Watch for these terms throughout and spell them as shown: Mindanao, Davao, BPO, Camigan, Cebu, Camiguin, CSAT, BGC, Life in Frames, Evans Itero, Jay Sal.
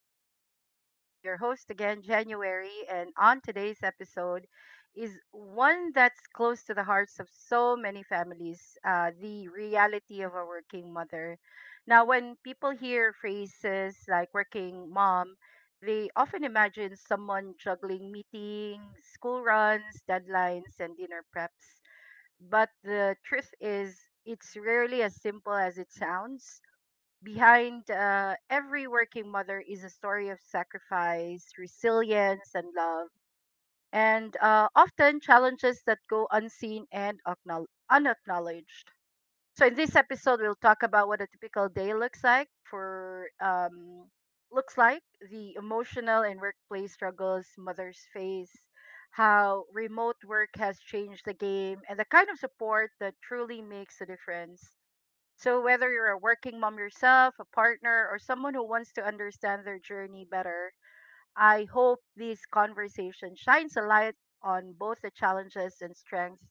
Frames. I'm your host again, January, and on today's episode is one that's close to the hearts of so many families, the reality of a working mother. Now, when people hear phrases like working mom, they often imagine someone juggling meetings, school runs, deadlines, and dinner preps. But the truth is, it's rarely as simple as it sounds. Behind every working mother is a story of sacrifice, resilience, and love, and often challenges that go unseen and unacknowledged. So, in this episode, we'll talk about what a typical day looks like, the emotional and workplace struggles mothers face, how remote work has changed the game, and the kind of support that truly makes a difference. So whether you're a working mom yourself, a partner, or someone who wants to understand their journey better, I hope this conversation shines a light on both the challenges and strengths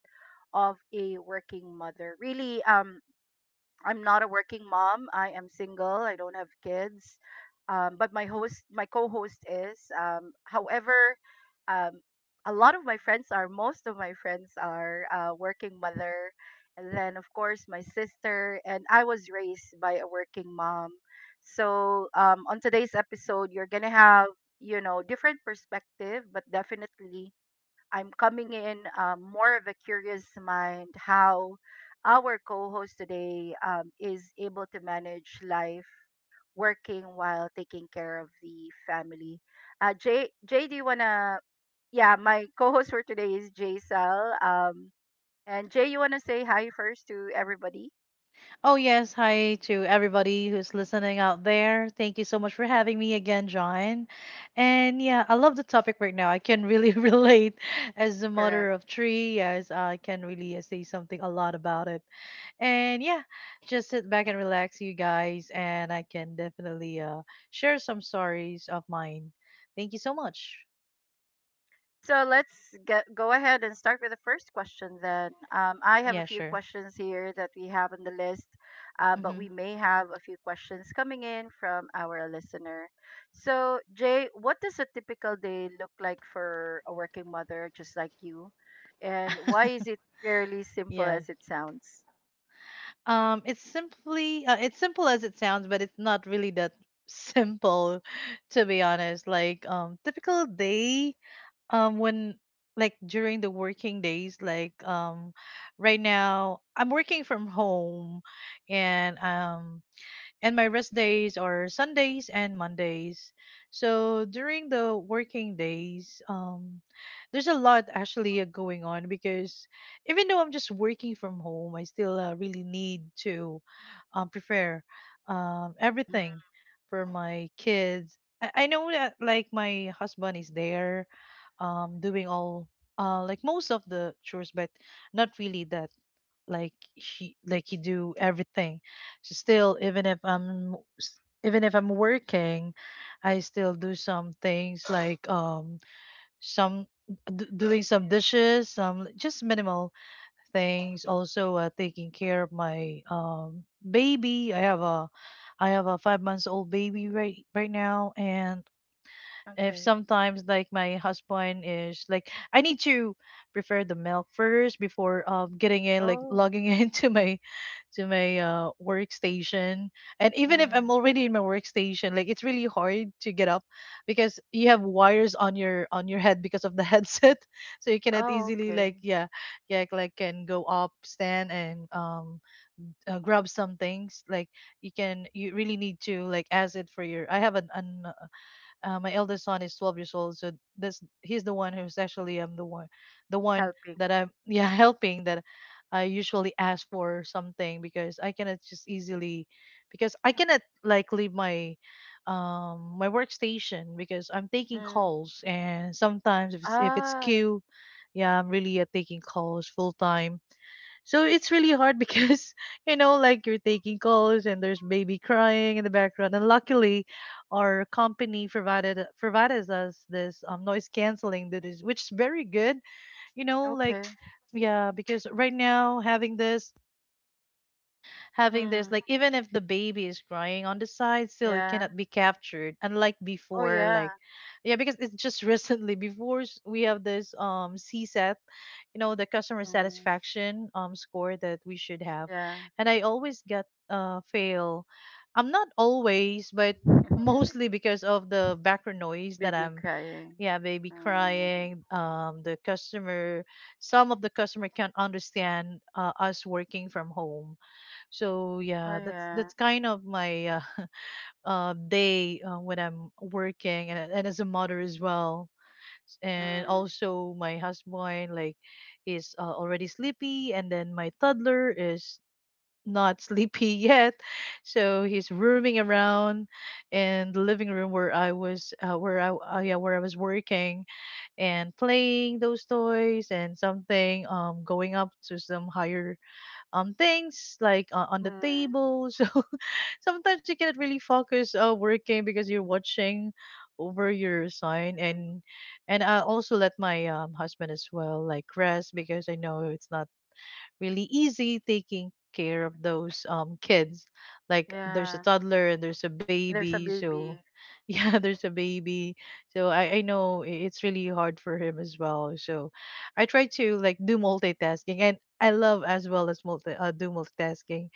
of a working mother. Really, I'm not a working mom. I am single. I don't have kids. But my host, my co-host is. However, um, a lot of my friends are. Most of my friends are, working mother, and then of course my sister. And I was raised by a working mom. So on today's episode, you're gonna have, different perspective, but definitely I'm coming in, more of a curious mind how our co host today is able to manage life working while taking care of the family. Jay, do you want to? Yeah, my co host for today is Jay Sal. And Jay, you want to say hi first to everybody? Oh, yes. Hi to everybody who's listening out there. Thank you so much for having me again, John. And yeah, I love the topic right now. I can really relate as a mother Correct. of three. Yes, I can really say something a lot about it. And yeah, just sit back and relax, you guys. And I can definitely share some stories of mine. Thank you so much. So go ahead and start with the first question then. I have a Yeah, few sure. questions here that we have on the list, but Mm-hmm. we may have a few questions coming in from our listener. So, Jay, what does a typical day look like for a working mother just like you? And why is it fairly simple Yeah. as it sounds? It's simple as it sounds, but it's not really that simple, to be honest. Like, typical day, when, like, during the working days, like, right now I'm working from home, and um and my rest days are Sundays and Mondays. So during the working days, there's a lot actually going on because even though I'm just working from home, I still really need to prepare Mm, everything for my kids. I know that, like, my husband is there, doing all, like, most of the chores, but not really that, like he do everything, so still, even if I'm working, I still do some things, like, some, doing some dishes, some, like, just minimal things. Also, taking care of my, baby. I have a 5 months old baby right now, and, if okay. sometimes, like, my husband is like, I need to prepare the milk first before getting in, like, Oh, logging into my to my workstation. And even if mm. I'm already in my workstation, like, it's really hard to get up because you have wires on your head because of the headset, so you cannot Oh, easily, okay. like, yeah, yeah, like, can go up, stand, and grab some things, like, you can, you really need to, like, ask it for your, I have an my eldest son is 12 years old. So this, he's the one who's actually, the one Helping. that I'm, yeah, helping, that I usually ask for something, because I cannot just easily, because I cannot, like, leave my, workstation because I'm taking Mm. calls, and sometimes, if it's Ah, queue, yeah, I'm really, taking calls full time, so it's really hard because, you know, like, you're taking calls and there's baby crying in the background. And luckily, our company provided us this, noise canceling, that is, which is very good. You know, like, okay. yeah, because right now, having this, Mm. Like, even if the baby is crying on the side, still it Yeah. cannot be captured, unlike Oh, before, yeah. like, yeah, because it's just, recently, before, we have this, CSAT, you know, the customer Mm. satisfaction score that we should have, Yeah. and I always get fail. I'm not always, but mostly because of the background noise that Baby I'm, crying. yeah, baby Mm. crying, the customer, some of the customer can't understand, us working from home. So Oh yeah, that's yeah. Kind of my, day, when I'm working, and as a mother as well. And Mm. also my husband, like, is, already sleepy, and then my toddler is not sleepy yet, so he's roaming around in the living room Mm. Where I was working, and playing those toys, and something, going up to some higher, things, like, on the table, so sometimes you cannot really focus, working, because you're watching over your sign. and Mm. and I also let my, husband, as well, like, rest, because I know it's not really easy taking care of those, kids. Like, Yeah. there's a Yeah. toddler and there's a There's a baby, so baby. yeah, there's a baby. So I know, it's really hard for him as well. So I try to, like, do multitasking, and I love, as well, as multi do multitasking.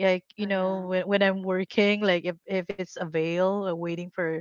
Like, Oh you know, yeah. when I'm working, like, if it's avail, waiting for,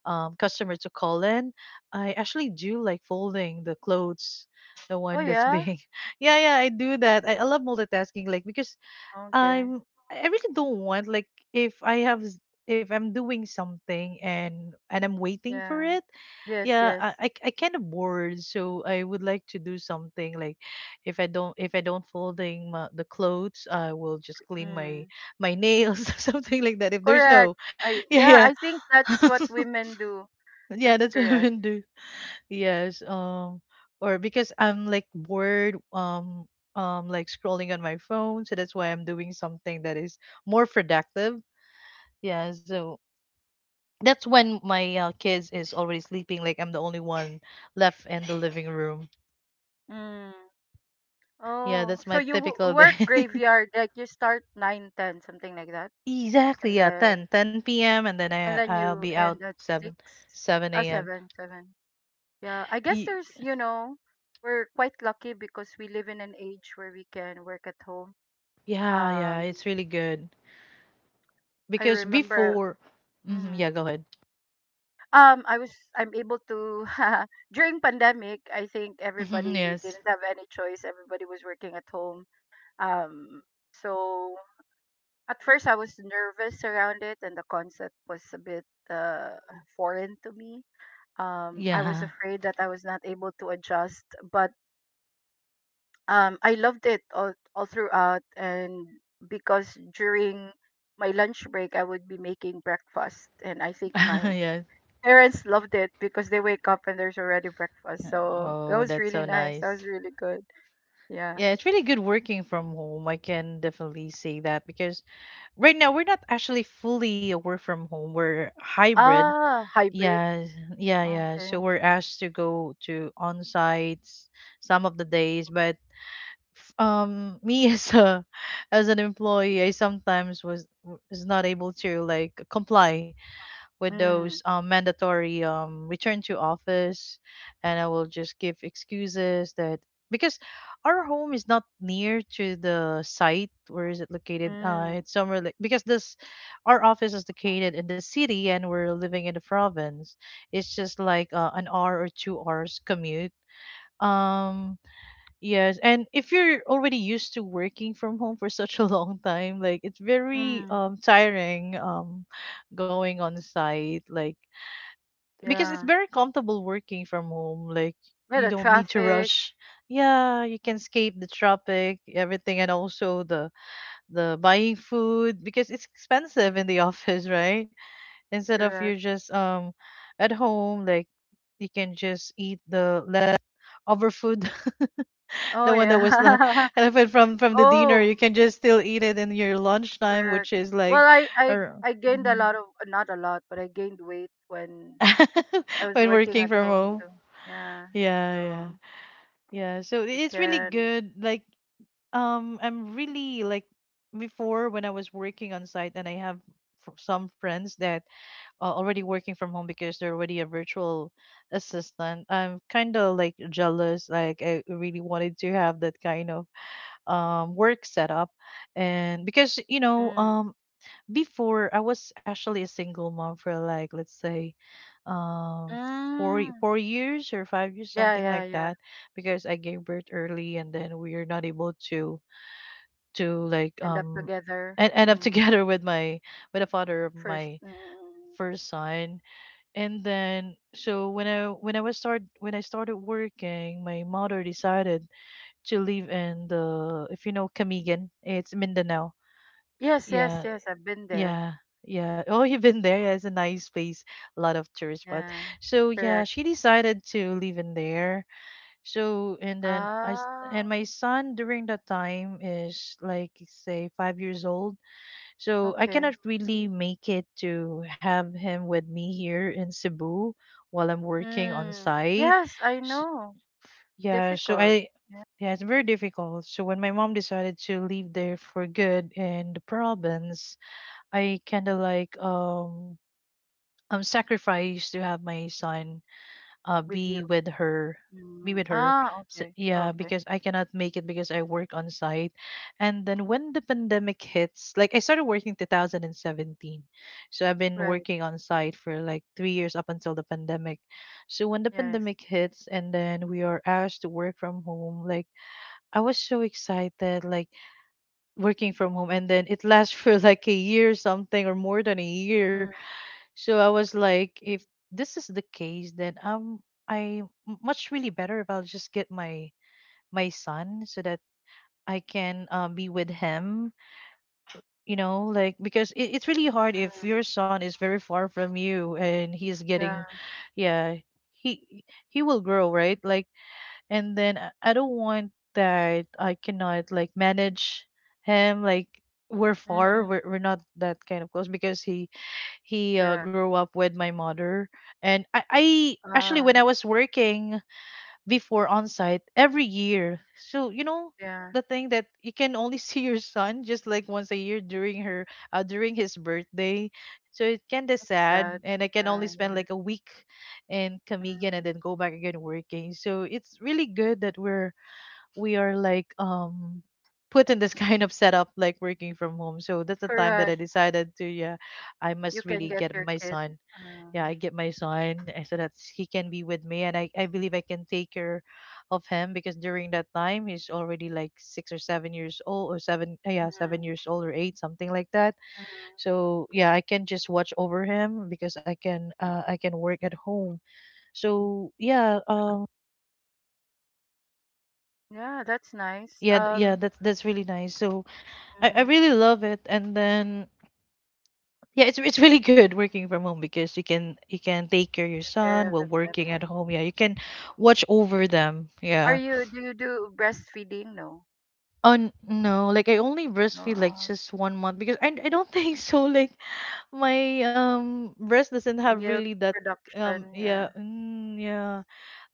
customer to call in, I actually do, like, folding the clothes, the Oh one that's, yeah. being, yeah, yeah, I do that. I love multitasking, like, because Okay. I'm I really don't want, like, if I have, if I'm doing something, and I'm waiting for Yeah. it. Yes. Yeah, I Yes. I, I kind of bored, so I would like to do something, like, if I don't folding my, the clothes, I will just clean my Mm. Nails, or something like that. If there's Correct. no, I yeah, Yeah. yeah, I think that's what women do. yeah, That's that's what I correct. would do. Yes, or because I'm, like, bored, like, scrolling on my phone, so that's why I'm doing something that is more productive. Yeah, so that's when my, kids is already sleeping. Like, I'm the only one left in the living room. Mm. Yeah, Oh. that's So my you typical day. work graveyard, like you start 9, 10 something like that, Exactly, and yeah, then 10, 10 p.m., and then I and then I'll you be out end at 7, six. Oh, 7 a.m. seven, seven. Yeah, I guess we're quite lucky because we live in an age where we can work at home. Yeah, yeah, Um, it's really good I because remember. before, hmm, Mhm. yeah, go ahead. um, I was, I'm able to, during pandemic, I think everybody, we Yes, didn't have any choice. Everybody was working at home. Um, so at first I was nervous around it and the concept was a bit, foreign to me. I was yeah. afraid that I was not able to adjust, but I loved it all throughout. And because during my lunch break, I would be making breakfast. And I think my Yes. parents loved it because they wake up and there's already breakfast. So that Oh, was that's really so nice. That was nice. really good. Yeah. Yeah, it's really good working from home. I can definitely say that, because right now we're not actually fully a work from home. We're hybrid. Ah, hybrid. Yeah, yeah, yeah. Okay. So we're asked to go to on sites some of the days, but, me, as an employee, I sometimes, was not able to, like, comply with those, Mm, mandatory, return to office, and I will just give excuses that, because our home is not near to the site, where is it located, mm, it's somewhere, like, because this, our office is located in the city and we're living in the province. It's just like, an hour or 2 hours commute. um Yes, and if you're already used to working from home for such a long time, like, it's very, mm. Tiring, going on site, like, because it's Yeah. very comfortable working from home, like Yeah, you the don't need to traffic. rush. Yeah, you can escape the traffic, everything, and also the buying food, because it's expensive in the office, right? Instead of, you're Correct. just, at home, like, you can just eat the left over food, Oh, the one that yeah. was like elephant from the dinner. Oh, You can just still eat it in your lunchtime, correct. which is, like, Well, I, I, ar- I gained a Mhm. lot of, not a lot, but I gained weight when I was When working working at from home home. too. Yeah. Yeah, yeah, So yeah. So you it's really can. good. Like, I'm really, like, before, when I was working on site, and I have, some friends that are already working from home because they're already a virtual assistant. I'm kind of, like, jealous. Like, I really wanted to have that kind of, work setup. And because, you know, Mm, before I was actually a single mom for, like, let's say, um, mm, 4 years or 5 years, yeah, something yeah, like yeah. that, because I gave birth early and then we're not able to, like, End up together. and end up Mm, together with with the father of first. my Mm, mm, mm. first son. And then, so when I started working, my mother decided to live in the, if you know, Camigan. It's Mindanao. Yes, yes, Yeah, yes. I've been there. yeah, yeah. Oh, you've been there. Yeah, it's a nice place, a lot of tourist spot. Yeah. So yeah, Correct. she decided to live in there. So, and then, Ah, and my son during that time is, like, say, 5 years old. So I okay. cannot really make it to have him with me here in Cebu while I'm working on Mm, site. yes, I S know. Yeah, so Difficult. I. Yeah. Yeah, it's very difficult. So when my mom decided to leave there for good in the province, I kind of, like, sacrificed to have my son, uh With be you. with her be Mm, with her. ah, S okay. Yeah, Okay. because I cannot make it because I work on site. And then when the pandemic hits, like, I started working 2017, so I've been Right. working on site for like 3 years up until the pandemic. So when the Yes. pandemic hits, and then we are asked to work from home, like, I was so excited, like, working from home, and then it lasts for like a year, something, or more than a year. Mm, So I was like, if this is the case, then I'm I much really better if I'll just get my son so that I can, be with him. You know, like, because it's really hard if mm, your son is very far from you, and he's yeah. getting, yeah, he will grow, right. Like, and then I don't want that I cannot, like, manage him, like. We're far. Mm, We're not that kind of close because he correct. grew up with my mother. And I actually, Ah, when I was working before on site every year, so, yeah. the thing that you can only see your son just like once a year during his birthday. So it's kind of It's sad, sad. and I can only Yeah, yeah. spend like a week in Camigan Mm, and then go back again working. So it's really good that we are like put in this kind of setup like working from home. So that's the time that correct. I decided to, yeah, I You must can really get get your my kid. son. Yeah, I Um, get my son, and so that he can be with me. And I believe I can take care of him, because during that time he's already like 6 or 7 years old, or mhm, 7 years old, or eight, something like that. mhm. So yeah, I can just watch over him, because I can work at home. So yeah, Yeah, that's nice. yeah, yeah, that's really nice. So I mm, really love it. And then yeah, it's really good working from home, because you can take care of your Take care son of the while working at family. home. Yeah, you can watch over them. Yeah. Do you do breastfeeding? No. Oh, no, like I only No. breastfeed like just one month, because I don't think so. Like my breast doesn't have Milk really that. Production. Yeah. Yeah. Yeah,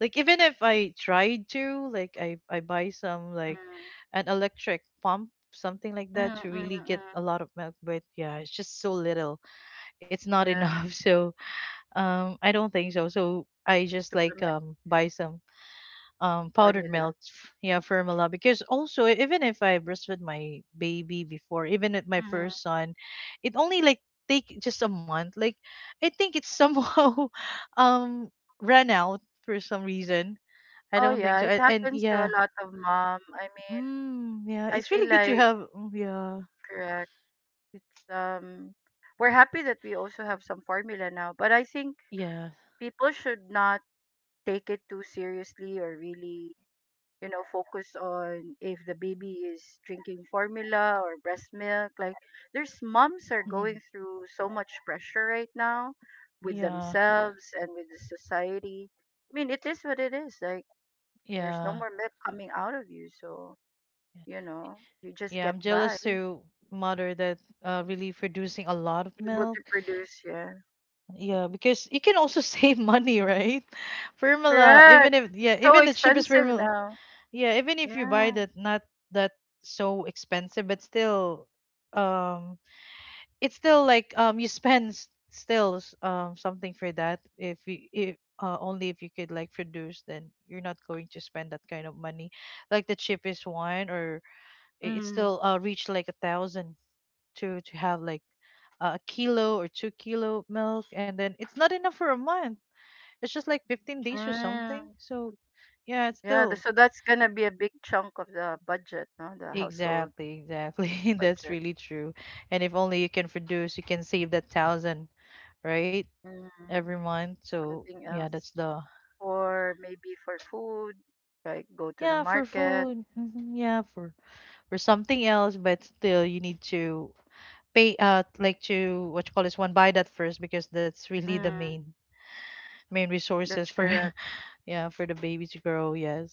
like even if I tried to, like I buy some Mm, like an electric pump, something like mm, that, to mm, really get mm. a lot of milk, but yeah, it's just so little. It's not Yeah. enough. So I don't think so. So I just like Supplement buy some powdered formula. milk, formula, because also, even if I breastfed my baby before, even at my Hmm. first son, it only like take just a month. Like I think it's somehow um ran out for some reason. I Oh, don't think yeah. so. It And happens to yeah. a lot of mom. I mean, Yeah, I it's feel really good to like, have. Yeah, correct. It's We're happy that we also have some formula now, but I think yeah. people should not take it too seriously or really, focus on if the baby is drinking formula or breast milk. Like, there's moms are going Mhm, through so much pressure right now with yeah, themselves and with the society. I mean, it is what it is. Like, there's no yeah. more milk coming out of you, so, you just Yeah, get I'm by, jealous to mother that really producing a lot of able milk. to produce, yeah. Yeah, because you can also save money, right? Formula, even Correct. if, yeah, It's so even the cheapest expensive formula, now. yeah, even if you buy Yeah. that not that so expensive, but still, um, it's still like, you spend, something for that. If you if Only if you could like produce, then you're not going to spend that kind of money, like the cheapest one, or, it's Mm. still reach like a thousand to have like a kilo or 2 kilo milk, and then it's not enough for a month. It's just like 15 days or Mm. something. So yeah, it's Yeah, still, so that's gonna be a big chunk of the budget, no? The household exactly, exactly, that's budget. really true. And if only you can produce, you can save that thousand, right, Mm. every month. So Something yeah, else. that's the, Or maybe for food, like go to the yeah, for market. food. Mhm, yeah, for something else, but still you need to pay, like, to what you call this one, buy that first because that's really the Mm. Main resources That's for. correct. Yeah, for the baby to grow, yes.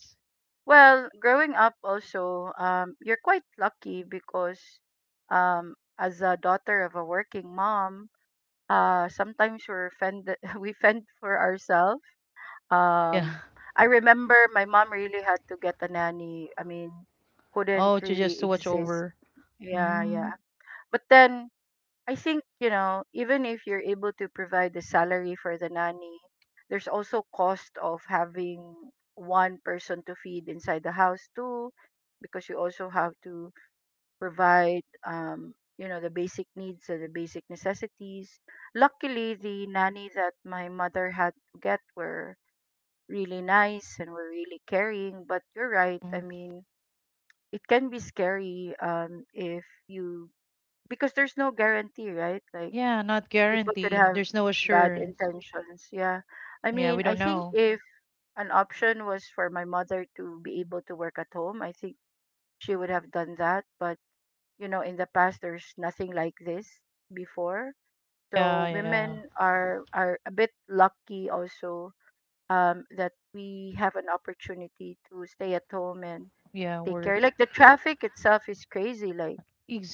Well, growing up also, you're quite lucky because, um, as a daughter of a working mom, sometimes we're fend, we fend for ourselves. Yeah. Um, I remember my mom really had to get a nanny. I mean, couldn't Oh, to just really to watch exist. over. Yeah, yeah. Mm, But then I think, even if you're able to provide the salary for the nanny, there's also cost of having one person to feed inside the house too, because you also have to provide, the basic needs and the basic necessities. Luckily, the nanny that my mother had to get were really nice and were really caring. But you're right. I mm. mean, it can be scary, if you, because there's no guarantee, right? Like, Yeah, not people could guaranteed. have There's no bad assurance. intentions. Yeah. I Yeah, we mean, I don't think know. if an option was for my mother to be able to work at home, I think she would have done that. But, in the past, there's nothing like this before. Yeah, So yeah. women are a bit lucky also, that we have an opportunity to stay at home and Yeah, take care. work. Like, the traffic itself is crazy. Like,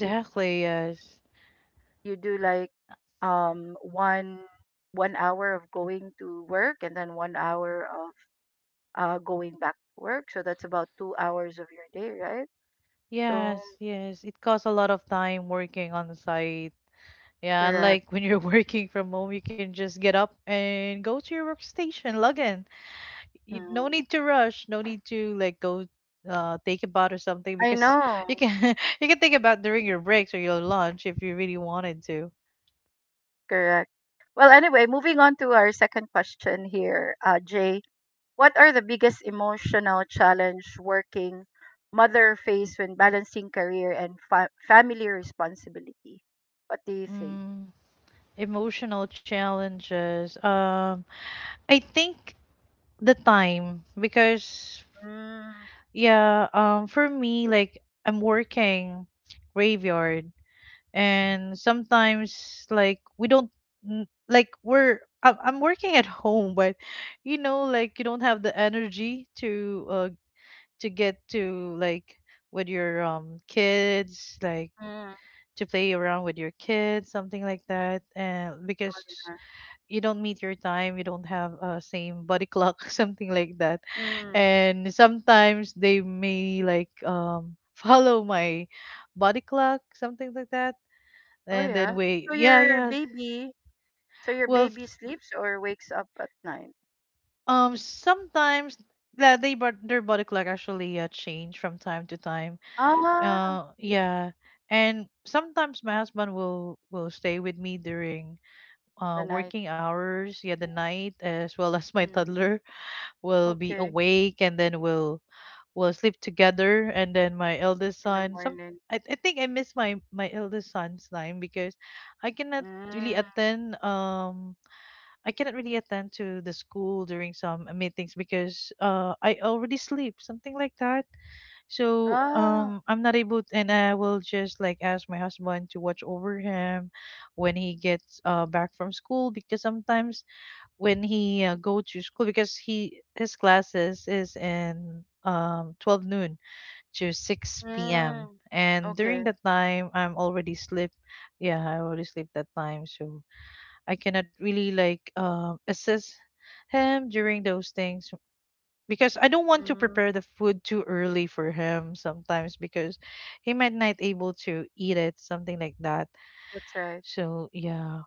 you yes. you do like um one one hour of going to work and then 1 hour of going back to work. So that's about 2 hours of your day, right? So Yes, yes. It costs a lot of time working on the site. Yeah, correct. unlike when you're working from home, you can just get up and go to your workstation, log in. No Mm. need to rush, no need to like go take a bath or something, I because know. you can you can think about during your breaks or your lunch if you really wanted to. Correct. Well, anyway, moving on to our second question here, Jay. What are the biggest emotional challenge working mother face when balancing career and family responsibility? What do you think? mm, Emotional challenges, I think the time, because Mm, yeah, for me, like I'm working graveyard, and sometimes like we don't, like, I'm working at home, but like, you don't have the energy to, to get to, like, with your kids, like mm, to play around with your kids, something like that. And because you don't meet your time, you don't have a, same body clock, something like that. mm. And sometimes they may like follow my body clock, something like that. Oh And then yeah. wait, So yeah, yeah. So your Well, baby sleeps or wakes up at night? Sometimes that they but their body clock actually, change from time to time. Ah, Yeah. And sometimes my husband will stay with me during the night. working hours, yeah, the night, as well as my Mm. toddler will be Okay, awake, and then we'll sleep together. And then my eldest in the son, some morning. I think I miss my eldest son's time, because I cannot really Mm. attend, I cannot really attend to the school during some meetings, because I already sleep, something like that. So Ah. I'm not able, and I will just like ask my husband to watch over him when he gets back from school, because sometimes when he, go to school, because he his classes is in 12 noon to 6 p.m., Mm. and during Okay. that time I'm already sleep. Yeah, I already sleep that time. So I cannot really like assist him during those things, because I don't want to prepare Mm. the food too early for him sometimes, because he might not able to eat it, something like that. That's right. So yeah,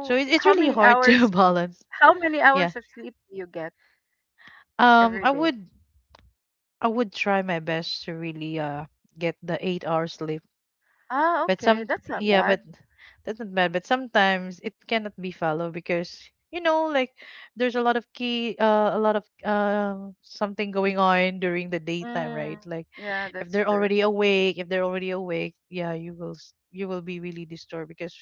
so it's really hard to balance. how many Yeah, hours of sleep do you get every I day? would, try my best to really get the 8 hours sleep. Ah, But okay. That's not yeah, bad. but that's not bad. But sometimes it cannot be followed, because you know, like there's a lot of something going on during the daytime, Mm, right? Like yeah, if that's they're true. already awake, yeah, you will, you will be really disturbed, because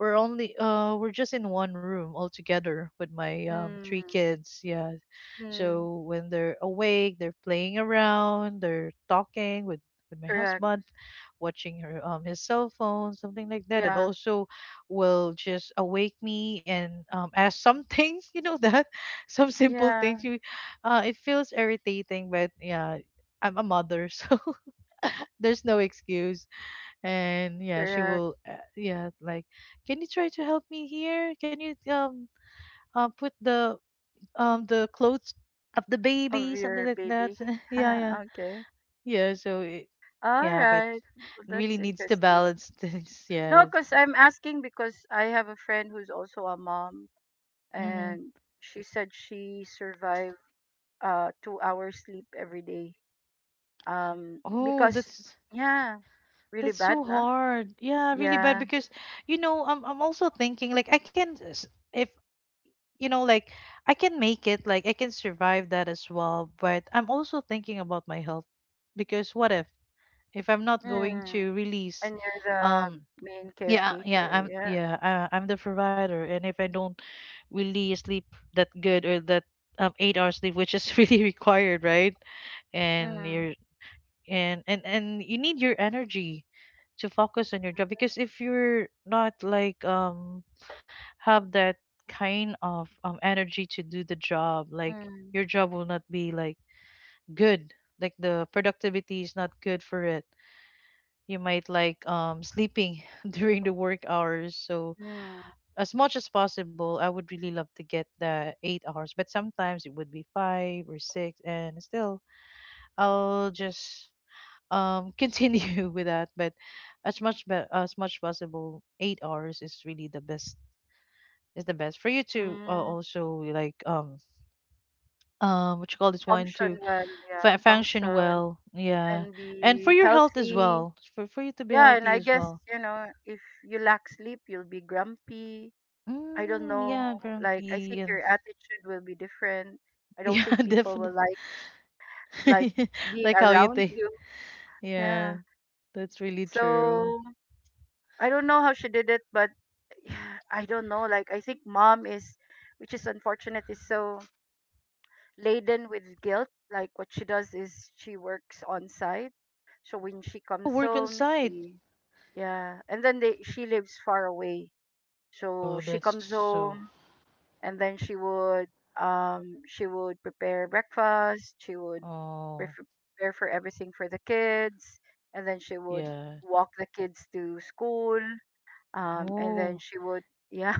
we're only, we're just in one room all together with my Mm, three kids. Yeah. mm, So when they're awake, they're playing around, they're talking with my correct. husband, watching her his cell phone, something like that. And Yeah. also will just awake me and ask some things, you know, that some simple Yeah, things. It feels irritating, but yeah, I'm a mother, so there's no excuse. And yeah, she correct. will, yeah, like, can you try to help me here, can you, put the clothes of the Of baby, something your like that, baby. yeah, yeah, Okay. yeah. So All yeah, but right. Well, really that's needs to interesting. balance things. No, Yes. because I'm asking because I have a friend who's also a mom, Mm-hmm. and she said she survived 2 hours sleep every day. Oh, Because yeah, really that's bad, so nah? hard, yeah, really bad, Yeah. because I'm also thinking, like, if, like, I can make it, like I can survive that as well, but I'm also thinking about my health, because what if, I'm not going Mm. to release. And you're the um, main yeah, yeah, caretaker, yeah. I'm the provider, and if I don't really sleep that good, or that 8 hours sleep, which is really required, right? And Mm. you're and you need your energy to focus on your job, because if you're not like have that kind of energy to do the job, like Mm. your job will not be like good. Like the productivity is not good for it. You might like sleeping during the work hours. So Mm. as much as possible, I would really love to get the 8 hours, but sometimes it would be 5 or 6, and still, I'll just continue with that. But as much, as much possible, 8 hours is really the best, is the best for you to, Mm. also like, what you call this one, to, Function well, yeah. Function Function well, yeah, and and for be your health as healthy. well, for you to be Yeah, and healthy I as guess, well. If you lack sleep, you'll be grumpy. I don't Mm, know. yeah, Like, I grumpy, think and your attitude will be different. I don't yeah, think people definitely. will like being Like how you around think. you. Yeah, Yeah. that's really true. So I don't know how she did it, but I don't know. Like, I think mom is, which is unfortunate, is so laden with guilt. Like, what she does is she works on site, so when she Oh, comes work on home, site. she, yeah, and then they she lives far away, so Oh, she that's comes so. home and then she would, she would prepare breakfast, she would pref- Oh, prepare for everything for the kids, and then she would yeah. walk the kids to school, and then Oh, she would, yeah.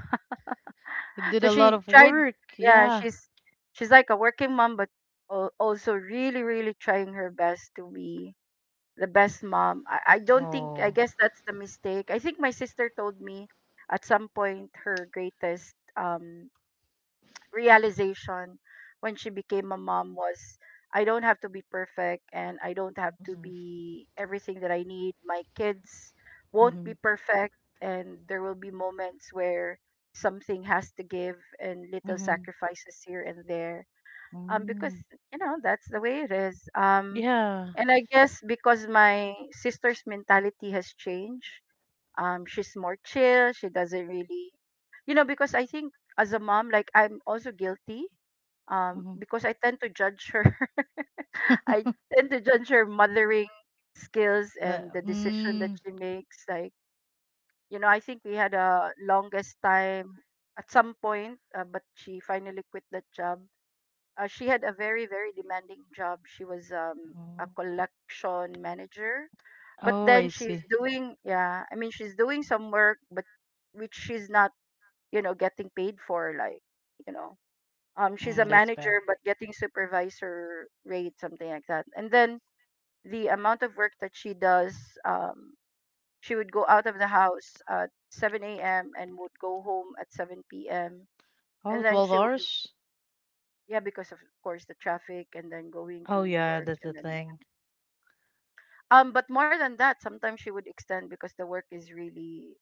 it did So a lot she of tried, work. yeah, Yeah. She's like a working mom, but also really trying her best to be the best mom. I don't think, I Oh. guess that's the mistake. I think my sister told me at some point her greatest realization when she became a mom was, I don't have to be perfect and I don't have to Mm-hmm. be everything that I need. My kids won't be Mm-hmm. perfect and there will be moments where something has to give and little Mm-hmm. sacrifices here and there. Because, Mm. That's the way it is. Yeah. And I guess because my sister's mentality has changed, she's more chill, she doesn't really, because I think as a mom, like, I'm also guilty, Mm-hmm. because I tend to judge her. I tend to judge her mothering skills and the decision that Mm. she makes. Like, I think we had a longest time at some point, but she finally quit that job. She had a very, very demanding job. She was Mm. a collection manager, but Oh, then I she's see. doing, yeah, I mean, she's doing some work, but which she's not, you know, getting paid for. Like, you know, she's a Mm, that's bad. manager, but getting supervisor rate, something like that. And then the amount of work that she does, um, she would go out of the house at 7 a.m. and would go home at 7 p.m. Oh, And then twelve she would, hours? yeah, because of course the traffic and then going Oh, to yeah, work that's and the then thing. yeah. But more than that, sometimes she would extend because the work is really,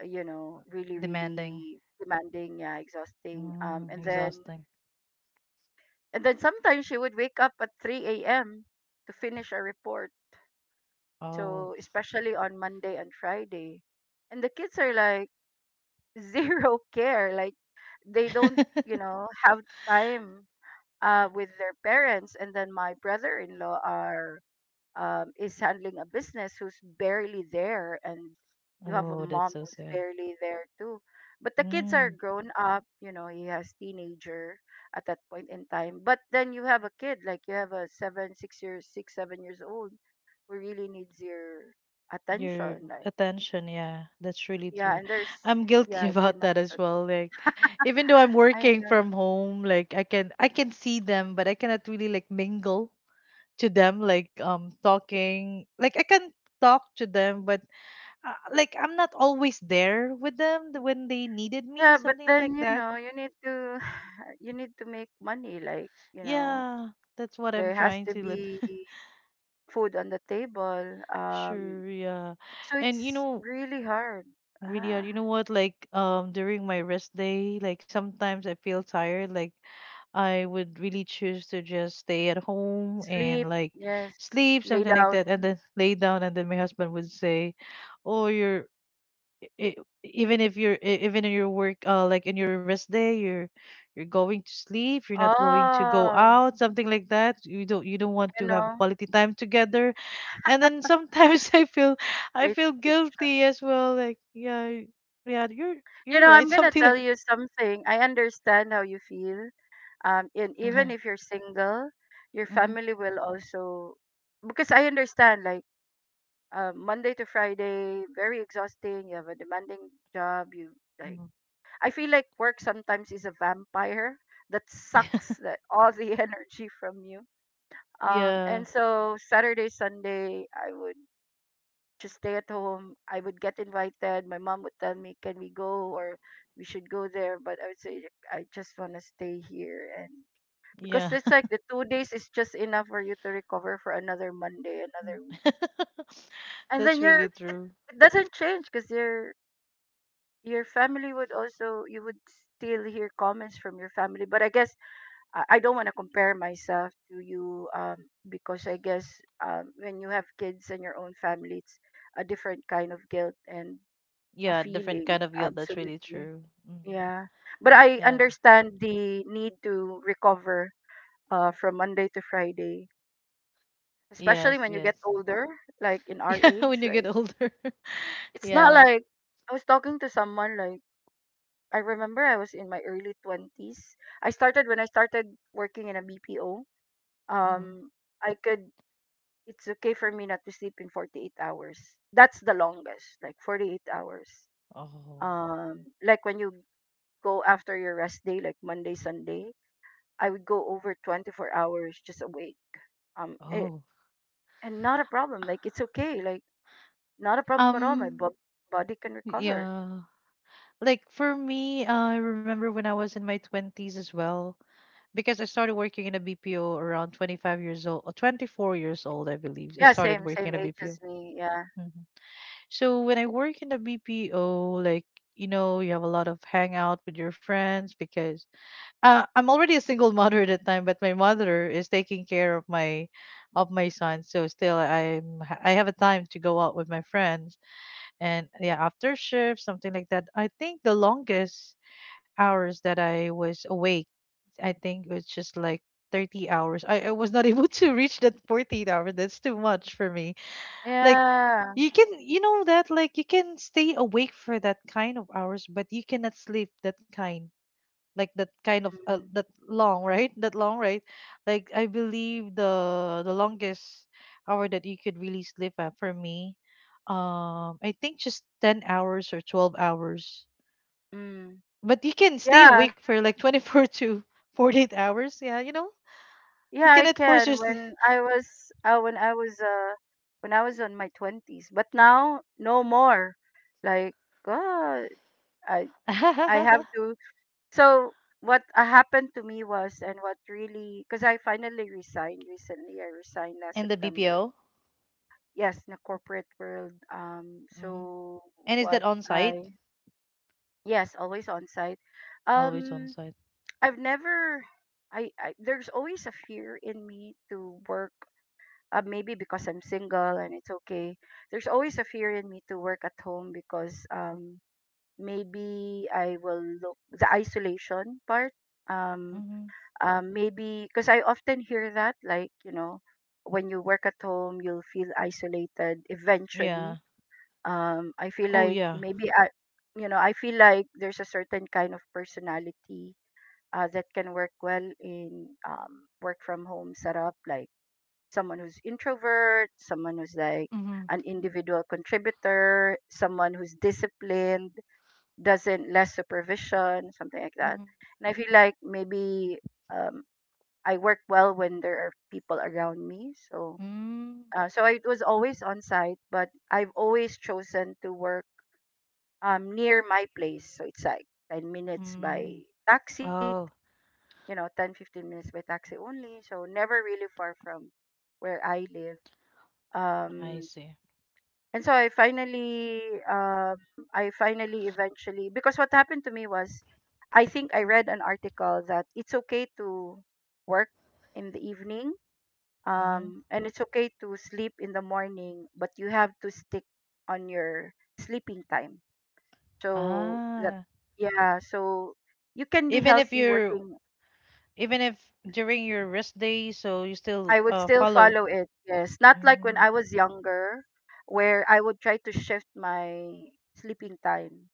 really Demanding. really demanding. Yeah, exhausting. Mm, Um, and then exhausting. and then sometimes she would wake up at 3 a.m. to finish a report. Oh. So especially on Monday and Friday, and the kids are like zero care. Like they don't, have time with their parents. And then my brother-in-law are is handling a business who's barely there, and you have a Oh, that's mom so who's sad. barely there too, but the kids are Mm, grown up, you know, he has teenager at that point in time, but then you have a kid, like, you have a 7 6 years 6 7 years old who really needs your your attention, like, attention, yeah, that's really yeah. true. And there's, I'm yeah, guilty about that as well. Like, even though I'm I working know, from home, like, I can see them, but I cannot really like mingle to them, like, talking. Like I can talk to them, but, like I'm not always there with them, when they needed me, yeah. But something like then, you that. know, you need to you need to make money, like, Yeah, that's what I'm there has trying to to let. be food on the table. Um, Sure, yeah. so And you it's know, really hard. really, Ah, you know what? Like, during my rest day, like sometimes I feel tired. Like, I would really choose to just stay at home and sleep, like yes, sleep, lay something like down. that, and then lay down. And then my husband would say, "Oh, you're i- even if you're even in your work like in your rest day you're going to sleep. You're not going to go Oh, out, something like that. You don't you don't want you to have know, quality time together." And then sometimes I feel I great feel picture. guilty as well, like, yeah. Yeah, You you're know, right, I'm gonna something tell like that. you something. I understand how you feel. And even if you're single, your Mm-hmm, family will also, because I understand, like, Monday to Friday, very exhausting. You have a demanding job. You, like, hmm. I feel like work sometimes is a vampire that sucks that all the energy from you. And Yeah. so Saturday, Sunday, I would just stay at home. I would get invited. My mom would tell me, "Can we go?" or "We should go there." But I would say, "I just want to stay here." And because Yeah. it's like the 2 days is just enough for you to recover for another Monday, another week, and then That's you're, really it, true. it doesn't change because your family would also, you would still hear comments from your family. But I guess I don't want to compare myself to you, because I guess, when you have kids and your own family, it's a different kind of guilt and a Yeah, different feeling. kind of guilt, that's really Absolutely. true. Hmm. Yeah. But I Yeah. understand the need to recover, from Monday to Friday, especially Yes, when you yes. get older, like in our Yeah, when age. you get Like, older. it's not Yeah. like, I was talking to someone, like, I remember I was in my early 20s. I started, when I started working in a BPO. Hmm. Um, I could, it's okay for me not to sleep in 48 hours. That's the longest, like, 48 hours. Oh. Like when you go after your rest day, like Monday, Sunday, I would go over 24 hours just awake. Um, it, Oh. and not a problem. Like, it's okay. Like, not a problem at all. Um, Body can recover. yeah. Like for me, I remember when I was in my 20s as well, because I started working in a BPO around 25 years old, or 24 years old, I believe. I Yeah, started same, working same in a age as BPO. me. Yeah, Mhm. So when I work in a BPO, like, you know, you have a lot of hangout with your friends because I'm already a single mother at that time, but my mother is taking care of my son. So still, I'm I have a time to go out with my friends, and yeah, after shift, something like that. I think the longest hours that I was awake, I think was just like 30 hours. I was not able to reach that 14 hours. That's too much for me. Like, yeah. you can, you know that, like, you can stay awake for that kind of hours, but you cannot sleep that kind, like that kind of Mm, that long, right? That long, right? Like, I believe the longest hour that you could really sleep at, for me, I think just 10 hours or 12 hours, mm. but you can stay Yeah. awake for like 24 to 48 hours, yeah, you know. You Yeah, I cannot force can. yourself. When I was on my 20s, but now no more. Like, God, I I have to. So what happened to me was, and what really, because I finally resigned recently. I resigned last And the September. BPO. Yes, in the corporate world. Um, Mm. so And is that what on site? I, yes, always on site. Always on Um, site. I've never. I there's always a fear in me to work, maybe because I'm single and it's okay. There's always a fear in me to work at home because, maybe I will look the isolation part. Um, Mm-hmm. Maybe because I often hear that, like, when you work at home, you'll feel isolated Yeah. eventually. I feel Oh like yeah. maybe I, I feel like there's a certain kind of personality, that can work well in, work from home setup, like someone who's introvert, someone who's like Mm-hmm. an individual contributor, someone who's disciplined, doesn't less supervision, something like that. Mm-hmm. And I feel like maybe, um, I work well when there are people around me. So Mm. uh, so I was always on site, but I've always chosen to work, near my place. So it's like 10 minutes by Mm. taxi, Oh, 10, 10-15 minutes by taxi only. So never really far from where I live, I um see. and so I finally, um eventually, because what happened to me was, I think I read an article that it's okay to work in the evening, Mm-hmm. and it's okay to sleep in the morning, but you have to stick on your sleeping time so that, Ah, yeah, so you can be even if healthy you're, working. even if during your rest day, so you I still would still follow. follow it, yes, not like when I Mm, was younger, where I would try to shift my sleeping time.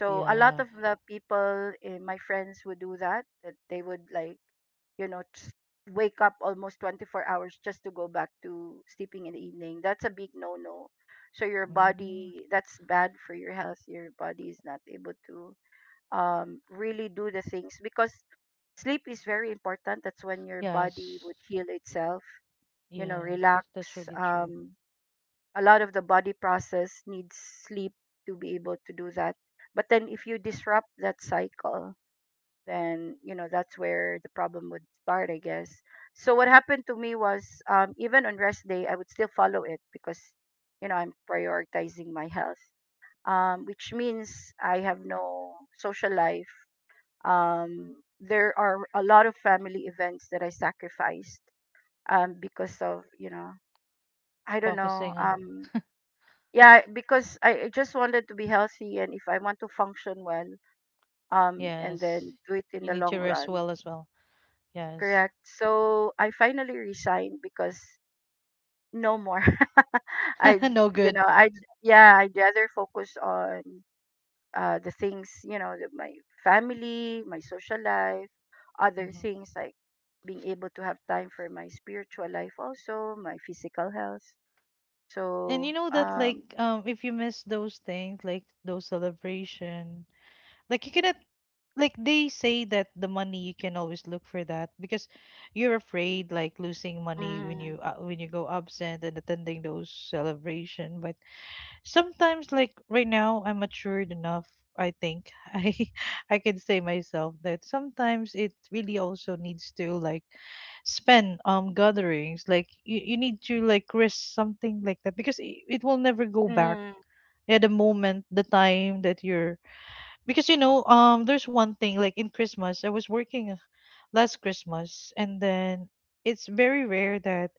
So a lot yeah. of the people, my friends would do that, that they would, like, just wake up almost 24 hours just to go back to sleeping in the evening. That's a big no-no. So your Mm, body, that's bad for your health. Your body is not able to, really do the things because sleep is very important. That's when your body yes. would heal itself, you know, Yes. relax. That's really true. Um, a lot of the body process needs sleep to be able to do that, but then if you disrupt that cycle, then, you know, that's where the problem would start, I guess. So what happened to me was, even on rest day I would still follow it because, you know, I'm prioritizing my health, which means I have no social life, um, there are a lot of family events that I sacrificed, because of, you know, I don't know, Focusing on, yeah, because I just wanted to be healthy, and if I want to function well, and yes. then do it You in the need to long rest run. well as well. Yes. Correct, so I finally resigned because no more. I, No you good. know, I, yeah, I'd rather focus on, the things, you know, the, my family, my social life, other Mhm. things, like being able to have time for my spiritual life, also my physical health, And so, you know that, like, if you miss those things, like those celebration, like, you cannot, like, they say that the money you can always look for that, because you're afraid, like, losing money mm, when you go absent and attending those celebration. But sometimes, like right now, I'm matured enough, I think, i I can say myself that sometimes it really also needs to, like, spend gatherings. Like you need to, like, risk something like that, because it will never go back mm, at the moment, the time that you're, because you know, there's one thing, like in Christmas I was working last Christmas, and then it's very rare that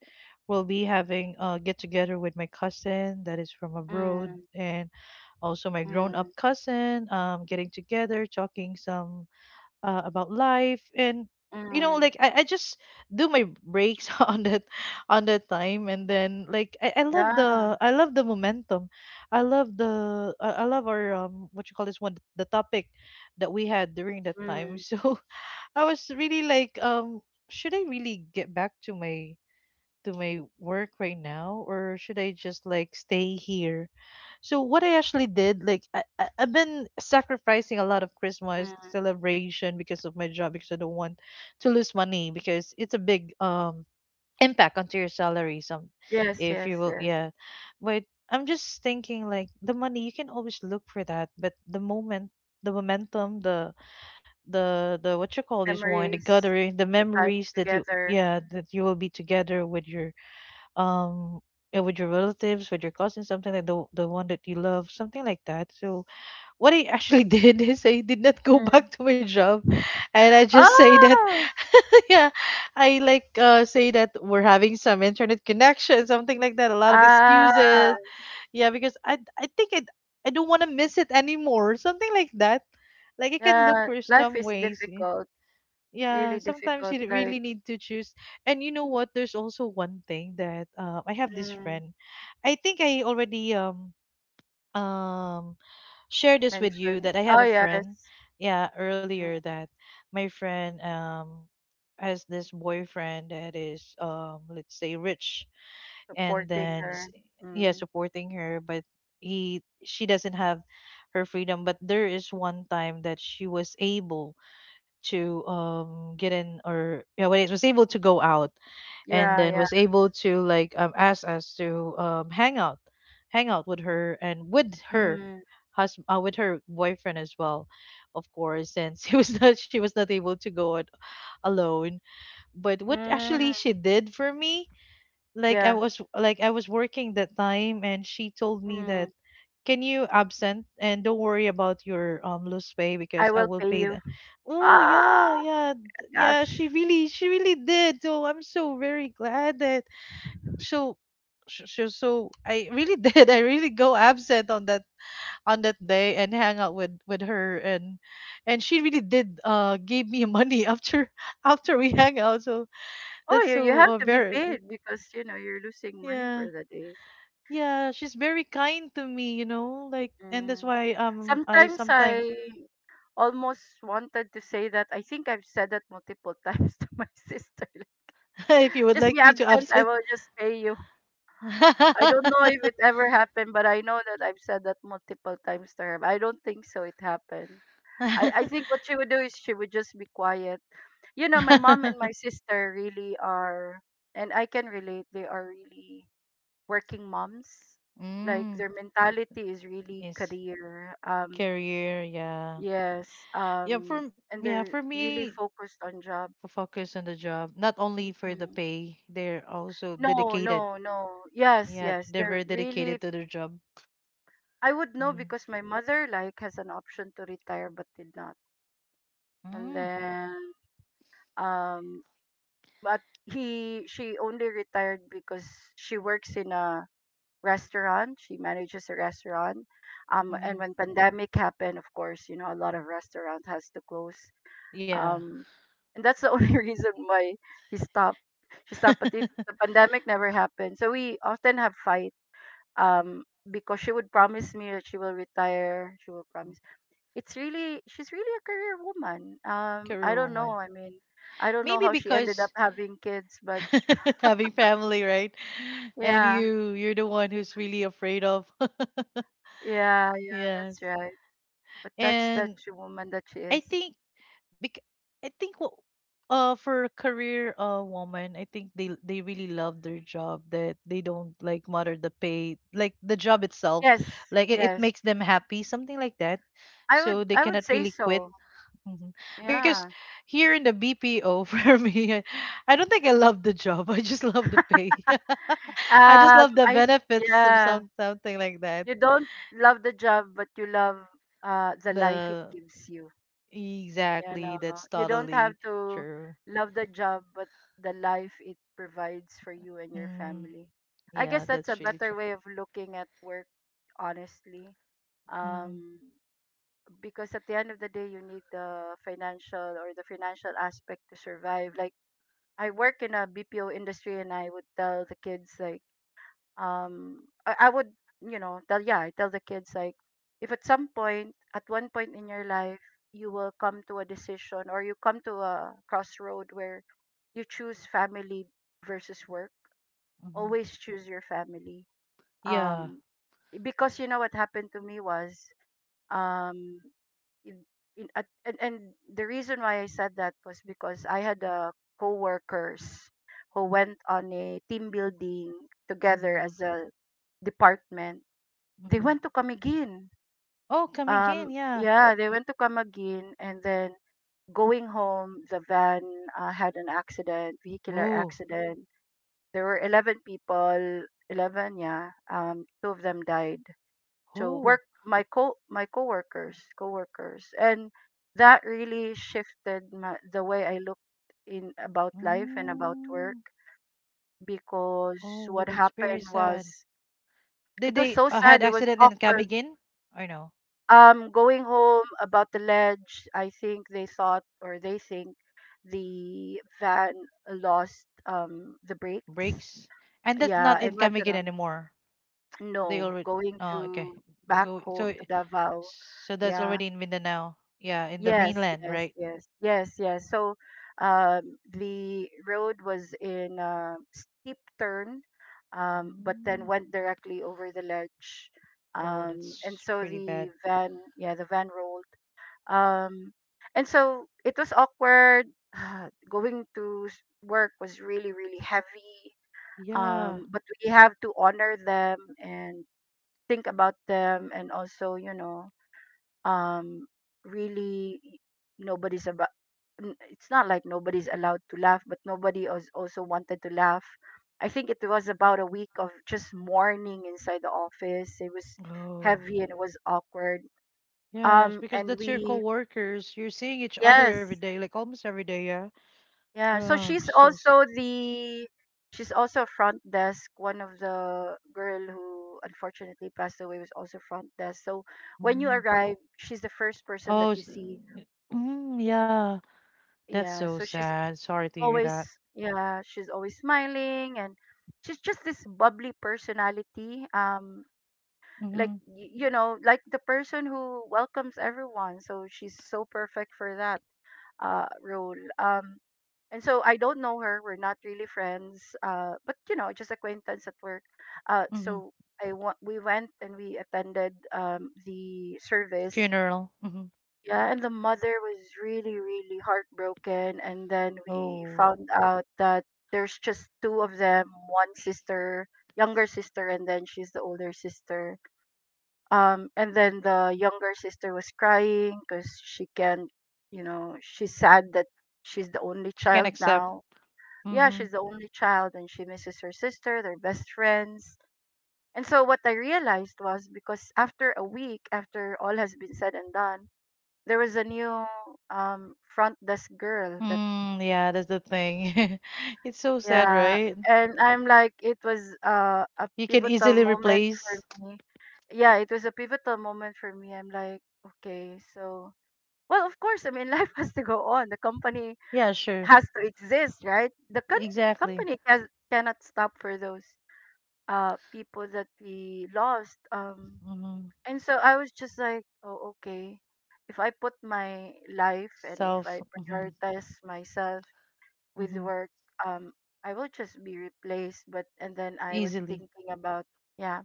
we'll be having a get together with my cousin that is from abroad, mm, and also my grown up mm. cousin, getting together, talking some about life. And you know, Mm. like, I just do my breaks on that, on that time. And then, like, I love Yeah. the, I love the momentum, I love the, I love our what you call this one, the topic that we had during that time. Mm. So I was really like, should I really get back to my, to my work right now, or should I just, like, stay here? So what I actually did, like, I've been sacrificing a lot of Christmas Mm. celebration because of my job, because I don't want to lose money, because it's a big impact onto your salary, some Yes, if yes, you will, yes. yeah. But I'm just thinking, like, the money you can always look for that, but the moment, the momentum, the what you call this one, the Memories, gathering, the the time memories that you, together. yeah, that you will be together um with your relatives, with your cousins, something like the one that you love, something like that. So what I actually did is I did not go back Mm. to my job, and I just say that, Oh, yeah, I like, say that we're having some internet connection, something like that, a lot of ah, excuses, yeah, because I think it, I don't want to miss it anymore, something like that. Like, I can look yeah. for Life some is ways. difficult, Yeah, really sometimes difficult. you Like, really need to choose. And you know what, there's also one thing that, I have this mm, friend, I think I already um shared this with you mentioned. that I have Oh, a yes, friend, yeah, mm, earlier, that my friend, has this boyfriend that is, let's say, rich. And supporting then her. yeah, Mm. supporting her, but he, she doesn't have her freedom. But there is one time that she was able to get in, or yeah, when it was able to go out, and Yeah, then yeah. was able to, like, ask us to hang out, hang out with her, and with her Mm. husband, with her boyfriend as well. Of course, since he was not, she was not able to go out alone. But what actually Mm. she did for me, like, I Yeah. was like, I was working that time, and she told me that, Mm. can you absent and don't worry about your lose pay, because I I will will pay pay you. the, oh yeah, Ah, yeah, yeah, she gosh. really, she really did. So I'm so very glad that, so so I really did, I really go absent on that, on that day, and hang out with her, and she really did, gave me money after after we hang out. So Oh, that's you so, have to be very, paid because, you know, you're losing money yeah, for the day. yeah, she's very kind to me, you know, like, and that's Mm. why I Sometimes sometimes, I almost wanted to say that, I think I've said that multiple times to my sister, like, if you would just be like me to absent, I absent. will just pay you. I don't know if it ever happened, but I know that I've said that multiple times to her, but I don't think so it happened. I think what she would do is she would just be quiet. You know, my mom and my sister really are, and I can relate, they are really working moms. Like, Mm, their mentality is really is career. Career, yeah. Yes. Yeah, for Um, and yeah, they're for really me focused on job. to focus on the job, not only for the Mm. pay, they're also No, dedicated. no, no. Yes, Yeah, yes. they're They're very really. dedicated to their job. I would know Mm. because my mother like has an option to retire but did not. And Mm, then, um, but he she only retired because she works in a restaurant. She manages a restaurant. And mhm. when pandemic happened, of course, you know, a lot of restaurant has to close. Yeah. Um, and that's the only reason why he stopped. She stopped. But if the pandemic never happened, so we often have fight. Um, because she would promise me that she will retire. She will promise. It's really, she's really a career woman. Career I don't woman. know. I mean, I don't know Maybe how she ended because up having kids, but having family, right? And yeah, you, you're the one who's really afraid of. yeah, yeah. Yes. That's right. But that's And that's the woman that she I is. think bec- I think for a career woman, I think they really love their job, that they don't like matter the pay, like the job itself, Yes, like it yes. makes them happy, something like that. I So would they I would cannot say really quit. so. Mhm. Because Yeah. here in the BPO, for me, I don't think I love the job, I just love the pay. I just love the I benefits of Yeah. some, something like that. You don't love the job, but you love, the life it The gives you. You exactly, know, that's you don't totally have to true. love the job, but the life it provides for you and your Mm. family. I Yeah, guess that's a that's really better true. way of looking at work, honestly. Mm-hmm, Um, because at the end of the day, you need the financial or the financial aspect to survive. Like I work in a BPO industry, and I would tell the kids, like, um I would you know tell yeah I tell the kids, like, if at some point at one point in your life, you will come to a decision, or you come to a crossroad where you choose family versus work, mm-hmm. always choose your family. Yeah. um because you know what happened to me was um in, in, at, and the reason why I said that was because I had a co-workers who went on a team building together Mm-hmm, as a department. They mm-hmm. went to Camiguin. Oh, come again. Yeah. Yeah, they went to Camiguin, and then going home, the van had an accident, vehicular Oh, accident. There were 11 people, 11, yeah. Two of them died. So, oh, work my co my coworkers, coworkers, and that really shifted the way I looked in about life and about work. mm. Because Oh, what that's very happened was, sad. Did it was they, so sad. had It was accident in come awkward. again? Or no? Going home about the ledge, I think they thought, or they think the van lost the brakes. Breaks. And that's Yeah, not in and went come to again them. anymore. They No, already. going Oh, okay. to back Go. So, home to Davao. so that's Yeah. already in Mindanao. Yeah, in the Yes, mainland, yes, right? yes, yes, yes. So, the road was in a steep turn, but then Mm. went directly over the ledge. Oh, And that's so pretty bad. the van, yeah, the van rolled, um, and so it was awkward. Going to s- Work was really, really heavy. Yeah. But we have to honor them and think about them, and also, you know, um, really, nobody's about. It's not like nobody's allowed to laugh, but nobody was also wanted to laugh. I think it was about a week of just mourning inside the office. It was Oh. heavy and it was awkward. Yes, because And that's your we, coworkers. You're seeing each other yes, every day, like almost every day, yeah. yeah, so Oh, so. s- she's also front desk. One of the girl who unfortunately passed away was also front desk. So when you Mm. arrive, she's the first person that Oh, you s- see. mm, yeah. That's Yeah, so so she's sad. Sorry to hear always that. yeah, she's always smiling, and she's just this bubbly personality. Like, Mm-hmm. You know, like the person who welcomes everyone. So she's so perfect for that role. And so I don't know her. We're not really friends, but, you know, just acquaintance at work. So Mm-hmm. We went and we attended, the service. Funeral. Mm-hmm. Yeah, and the mother was really, really heartbroken. And then we Oh, found out that there's just two of them, one sister, younger sister, and then she's the older sister. And then the younger sister was crying because she can't, you know, she's sad that she's the only she can child accept. now. Yeah, Mm-hmm. she's the only child and she misses her sister. They're best friends. And so what I realized was, because after a week, after all has been said and done, there was a new front desk girl that. Mm, yeah, that's the thing. It's so sad, Yeah, right? and I'm like it was a You can pivotal easily moment for replace. me. Yeah, it was a pivotal moment for me. I'm like, okay, so, well, of course, I mean, life has to go on. The company Yeah, sure. has to exist, right? Exactly. Company cannot stop for those people that we lost. Mm-hmm. And so I was just like, oh, okay, if I put my life, and if I Self. Mm-hmm. prioritize myself with Mm-hmm. work, um I will just be replaced. But and then I was Easily. thinking about, yeah,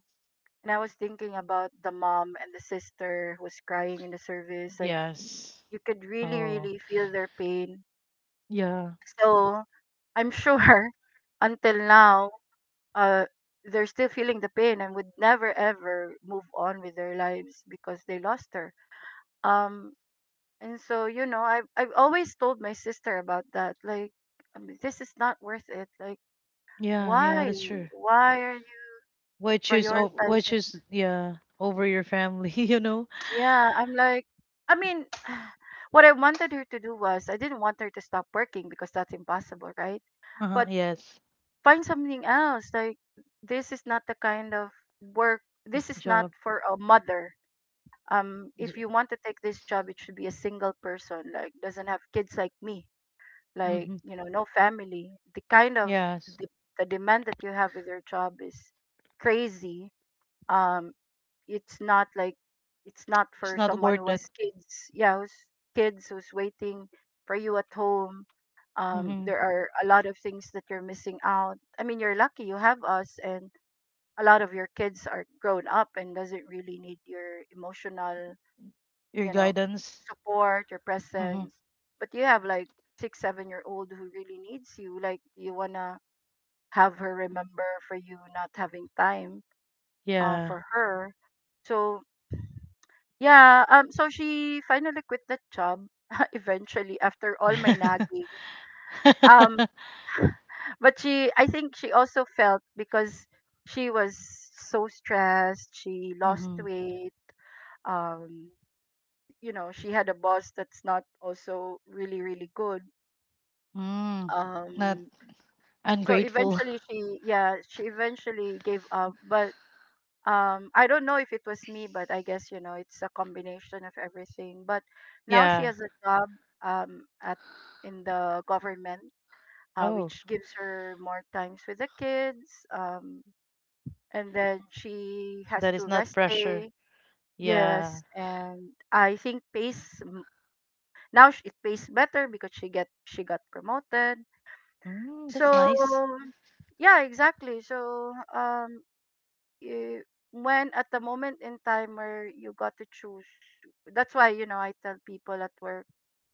and I was thinking about the mom and the sister who was crying in the service, like, Yes. you could really, Oh. really feel their pain. Yeah. So I'm sure until now, uh they're still feeling the pain and would never ever move on with their lives because they lost her. um and so, you know, I've always told my sister about that, like, I mean, this is not worth it, like, Yeah. why Yeah. That's true. why are you Why choose? Oh, why prioritizing? choose? Yeah, over your family. You know. Yeah, I'm like, I mean, what I wanted her to do was, I didn't want her to stop working because that's impossible, right? Uh huh. But Yes. find something else, like, this is not the kind of work. This is not Job. for a mother. If you want to take this job, it should be a single person, like, doesn't have kids, like me, like, Mm-hmm. you know, no family. The kind of Yes. the, the demand that you have with your job is crazy. um it's not like, it's not It's for not someone who worth has it. kids, yeah, who's kids who's waiting for you at home. Mm-hmm. There are a lot of things that you're missing out. I mean, you're lucky you have us, and a lot of your kids are grown up and doesn't really need your emotional, Your you know, guidance. support, your Mm-hmm. presence. But you have like 6, 7-year-old who really needs you. Like, you wanna have her remember for you not having time Yeah. for her. So yeah, so she finally quit that job eventually after all my nagging. Um mm-hmm. but she I think she also felt because she was so stressed, she lost weight. um you know, she had a boss that's not also really, really good. Mm. Not um so ungrateful. eventually she, yeah, she eventually gave up. But I don't know if it was me, but I guess, you know, it's a combination of everything. But now she yeah. has a job, at in the government, Oh, which gives her more times with the kids. And then she has that is to not rest pressure. day. Yeah. Yes, and I think it pays better because she got promoted. Mm, that's So nice. yeah, exactly. So, you, when at the moment in time where you got to choose, that's why, you know, I tell people at work,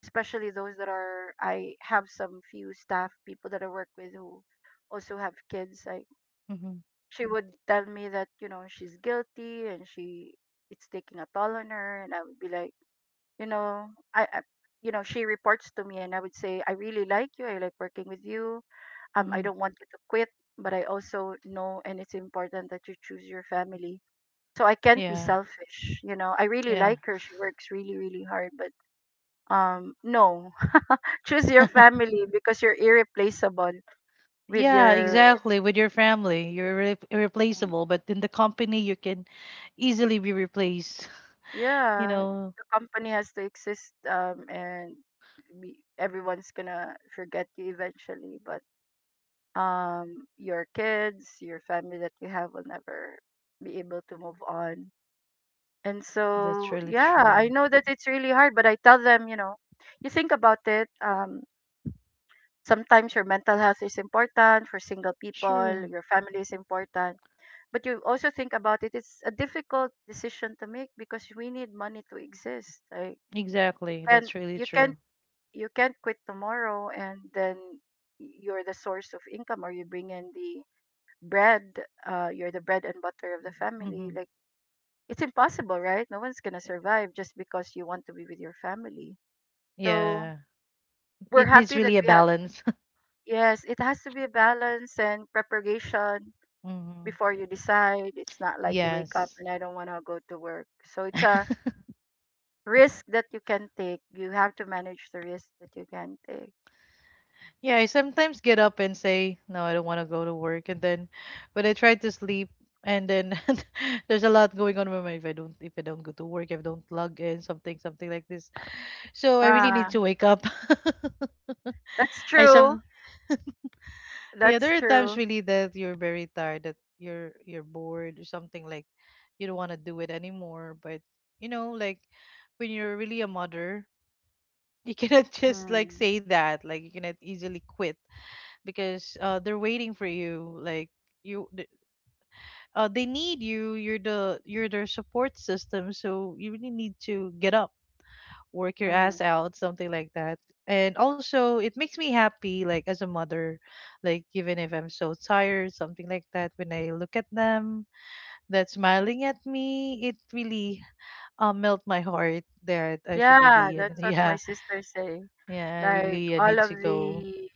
especially those that are, I have some few staff people that I work with who also have kids. Like, Mm-hmm. she would tell me that, you know, she's guilty and she it's taking a toll on her, and I would be like, you know, I you know, she reports to me, and I would say, I really like you, I like working with you, I Mm-hmm. don't want you to quit, but I also know and it's important that you choose your family. So I can't be Yeah. selfish, you know. I really Yeah. like her. She works really, really hard. But no. Choose your family because you're irreplaceable with Yeah, your exactly. With your family, you're irre, irreplaceable, but in the company, you can easily be replaced. You yeah. know, The company has to exist, and everyone's gonna forget you eventually. But your kids, your family that you have will never be able to move on. And that's so, really yeah, true. I know that it's really hard, but I tell them, you know, you think about it. Sometimes your mental health is important. For single people, Sure, your family is important, but you also think about it. It's a difficult decision to make because we need money to exist. Like, you exactly. can't, That's really you true. can't, you can't quit tomorrow, and then you're the source of income, or you bring in the bread. You're the bread and butter of the family. Hmm. Like, it's impossible, right? No one's gonna survive just because you want to be with your family. So Yeah, we're it needs happy that really a we have. balance. Yes, it has to be a balance and preparation Hmm. before you decide. It's not like you wake up Yes. and I don't want to go to work. So it's a risk that you can take. You have to manage the risk that you can take. Yeah, I sometimes get up and say, no, I don't want to go to work. And then when I try to sleep, and then there's a lot going on with my, if I don't, if I don't go to work, if I don't log in, something, something like this. So I really Ah, need to wake up. that's I some true. yeah, That's there are times true. really that you're very tired, that you're bored or something, like you don't want to do it anymore. But, you know, like, when you're really a mother, you cannot just, like, Mm, say that. Like, you cannot easily quit because they're waiting for you. Like you, th- they need you. You're the you're their support system. So you really need to get up, work your mm. ass out, something like that. And also, it makes me happy, like as a mother, like even if I'm so tired, something like that. When I look at them, that smiling at me, it really melt my heart. That I should Yeah, really, that's what my yeah, sister say. yeah, I Like really need all to of go. the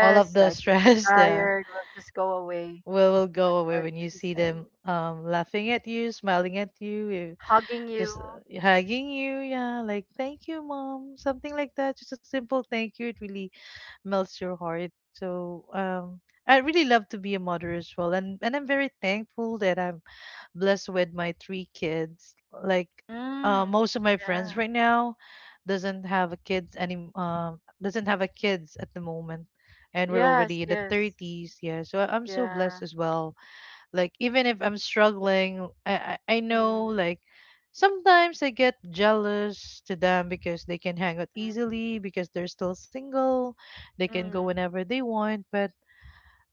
All of the like if you're stress there tired, well, just go away. will go That's away what when you she see said. them laughing at you, smiling at you, Hugging just you. Hugging you. Yeah, like thank you, mom, something like that. Just a simple thank you. It really melts your heart. So I really love to be a mother as well, and I'm very thankful that I'm blessed with my three kids. Like Mm, most of my friends yeah. right now doesn't have a kids any doesn't have a kids at the moment, and we're Yes, already in the yes. 30s. Yeah, so I'm so Yeah. blessed as well like even if I'm struggling, I know Mm, like sometimes I get jealous to them because they can hang out mm, easily because they're still single. They can go mm. whenever they want, but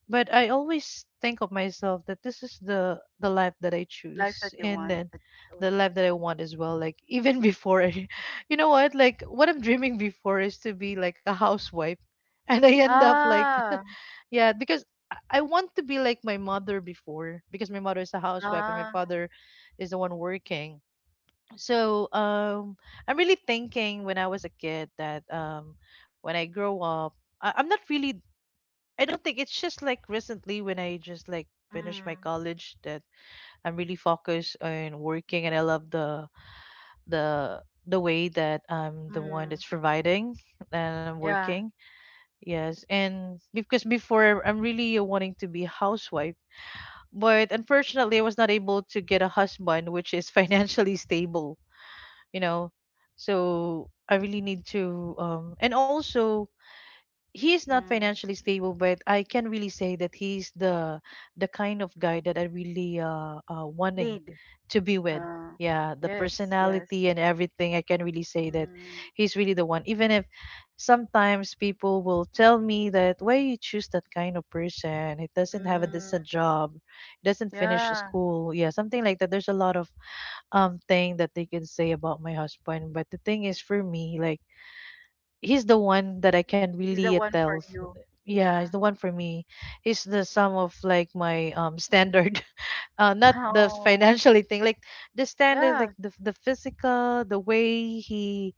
I always think of myself that this is the life that I Life that choose you and want, then that you the chose. life that I want as well. Like you know what? Like what I'm dreaming before is to be like a housewife, and I end up like Ah, yeah, because I want to be like my mother before because my mother is a housewife and my ah, father is the one working. So I'm really thinking when I was a kid that when I grow up, I, I'm not really. I don't think it's just like recently when I just like finished my mm, college that I'm really focused on working and I love the the way that I'm the one mm. that's providing and I'm Yeah. working. Yes, and because before I'm really wanting to be a housewife but unfortunately, I was not able to get a husband which is financially stable, you know. So I really need to and also he is not Mm. financially stable, but I can really say that he's the kind of guy that I really wanting Need. to be with. Uh, Yeah, the yes, yes. personality and everything. I can really say that Mm, he's really the one. Even if sometimes people will tell me that why you choose that kind of person, it doesn't have a mm. decent job, it doesn't finish Yeah. school, yeah, something like that. There's a lot of thing that they can say about my husband, but the thing is for me, like he's the one that I can He's really the one for tell. You. Yeah, he's Yeah. the one for me. He's the sum of like my standard, not the Oh, financially thing, like the standard, yeah. like the physical,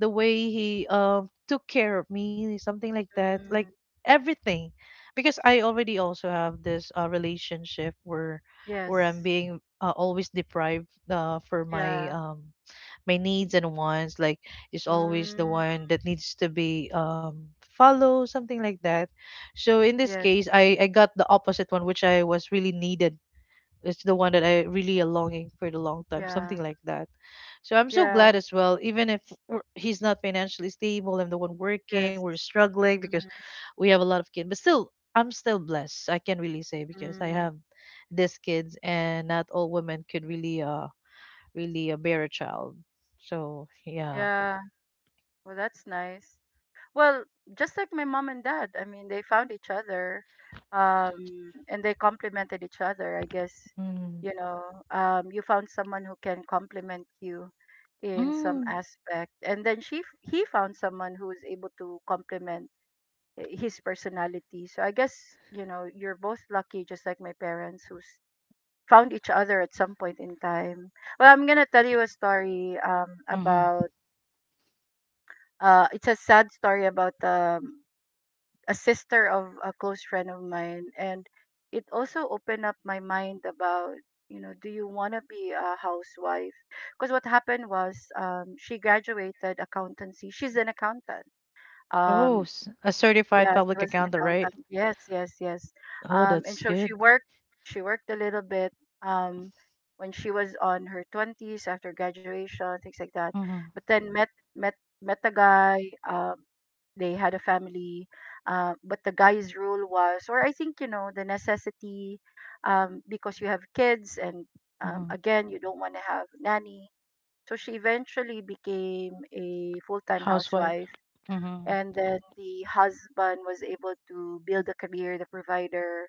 the way he took care of me, something like that, like Mm. everything, because I already also have this relationship where I'm Yes. being always deprived for my Yeah. My needs and wants like is always the Mm. one that needs to be follow something like that, so in this Yes. case, I got the opposite one which I was really needed. It's the one that I really longing for the long time, Yeah. something like that. So I'm so Yeah. glad as well, even if he's not financially stable, I'm the one working, Yes. we're struggling because we have a lot of kids, but still I'm still blessed, I can really say, because I Mm-hmm. have these kids and not all women could really really a bear child. So yeah. Yeah. Well, that's nice. Well, just like my mom and dad, I mean, they found each other, and they complemented each other. I guess, Mm. you know, you found someone who can complement you in some Mm. aspect, and then he found someone who is able to complement his personality. So I guess, you know, you're both lucky, just like my parents who found each other at some point in time. Well, I'm going to tell you a story, Mm-hmm. about, it's a sad story about, a sister of a close friend of mine. And it also opened up my mind about, you know, do you want to be a housewife? Because what happened was, she graduated accountancy. She's an accountant. Oh, Um, a certified Yeah, she public was an accountant, accountant. right? Yes, yes, yes. Oh, And that's so she good. worked. She worked a little bit. Um, when she was on her twenties after graduation, things like that. Mm-hmm. But then met met a guy. Um, they had a family. But the guy's rule was, or I think, you know, the necessity, because you have kids, and Mm-hmm. again, you don't want to have nanny. So she eventually became a full time Housewife. housewife, Mm-hmm. and then the husband was able to build a career, the provider,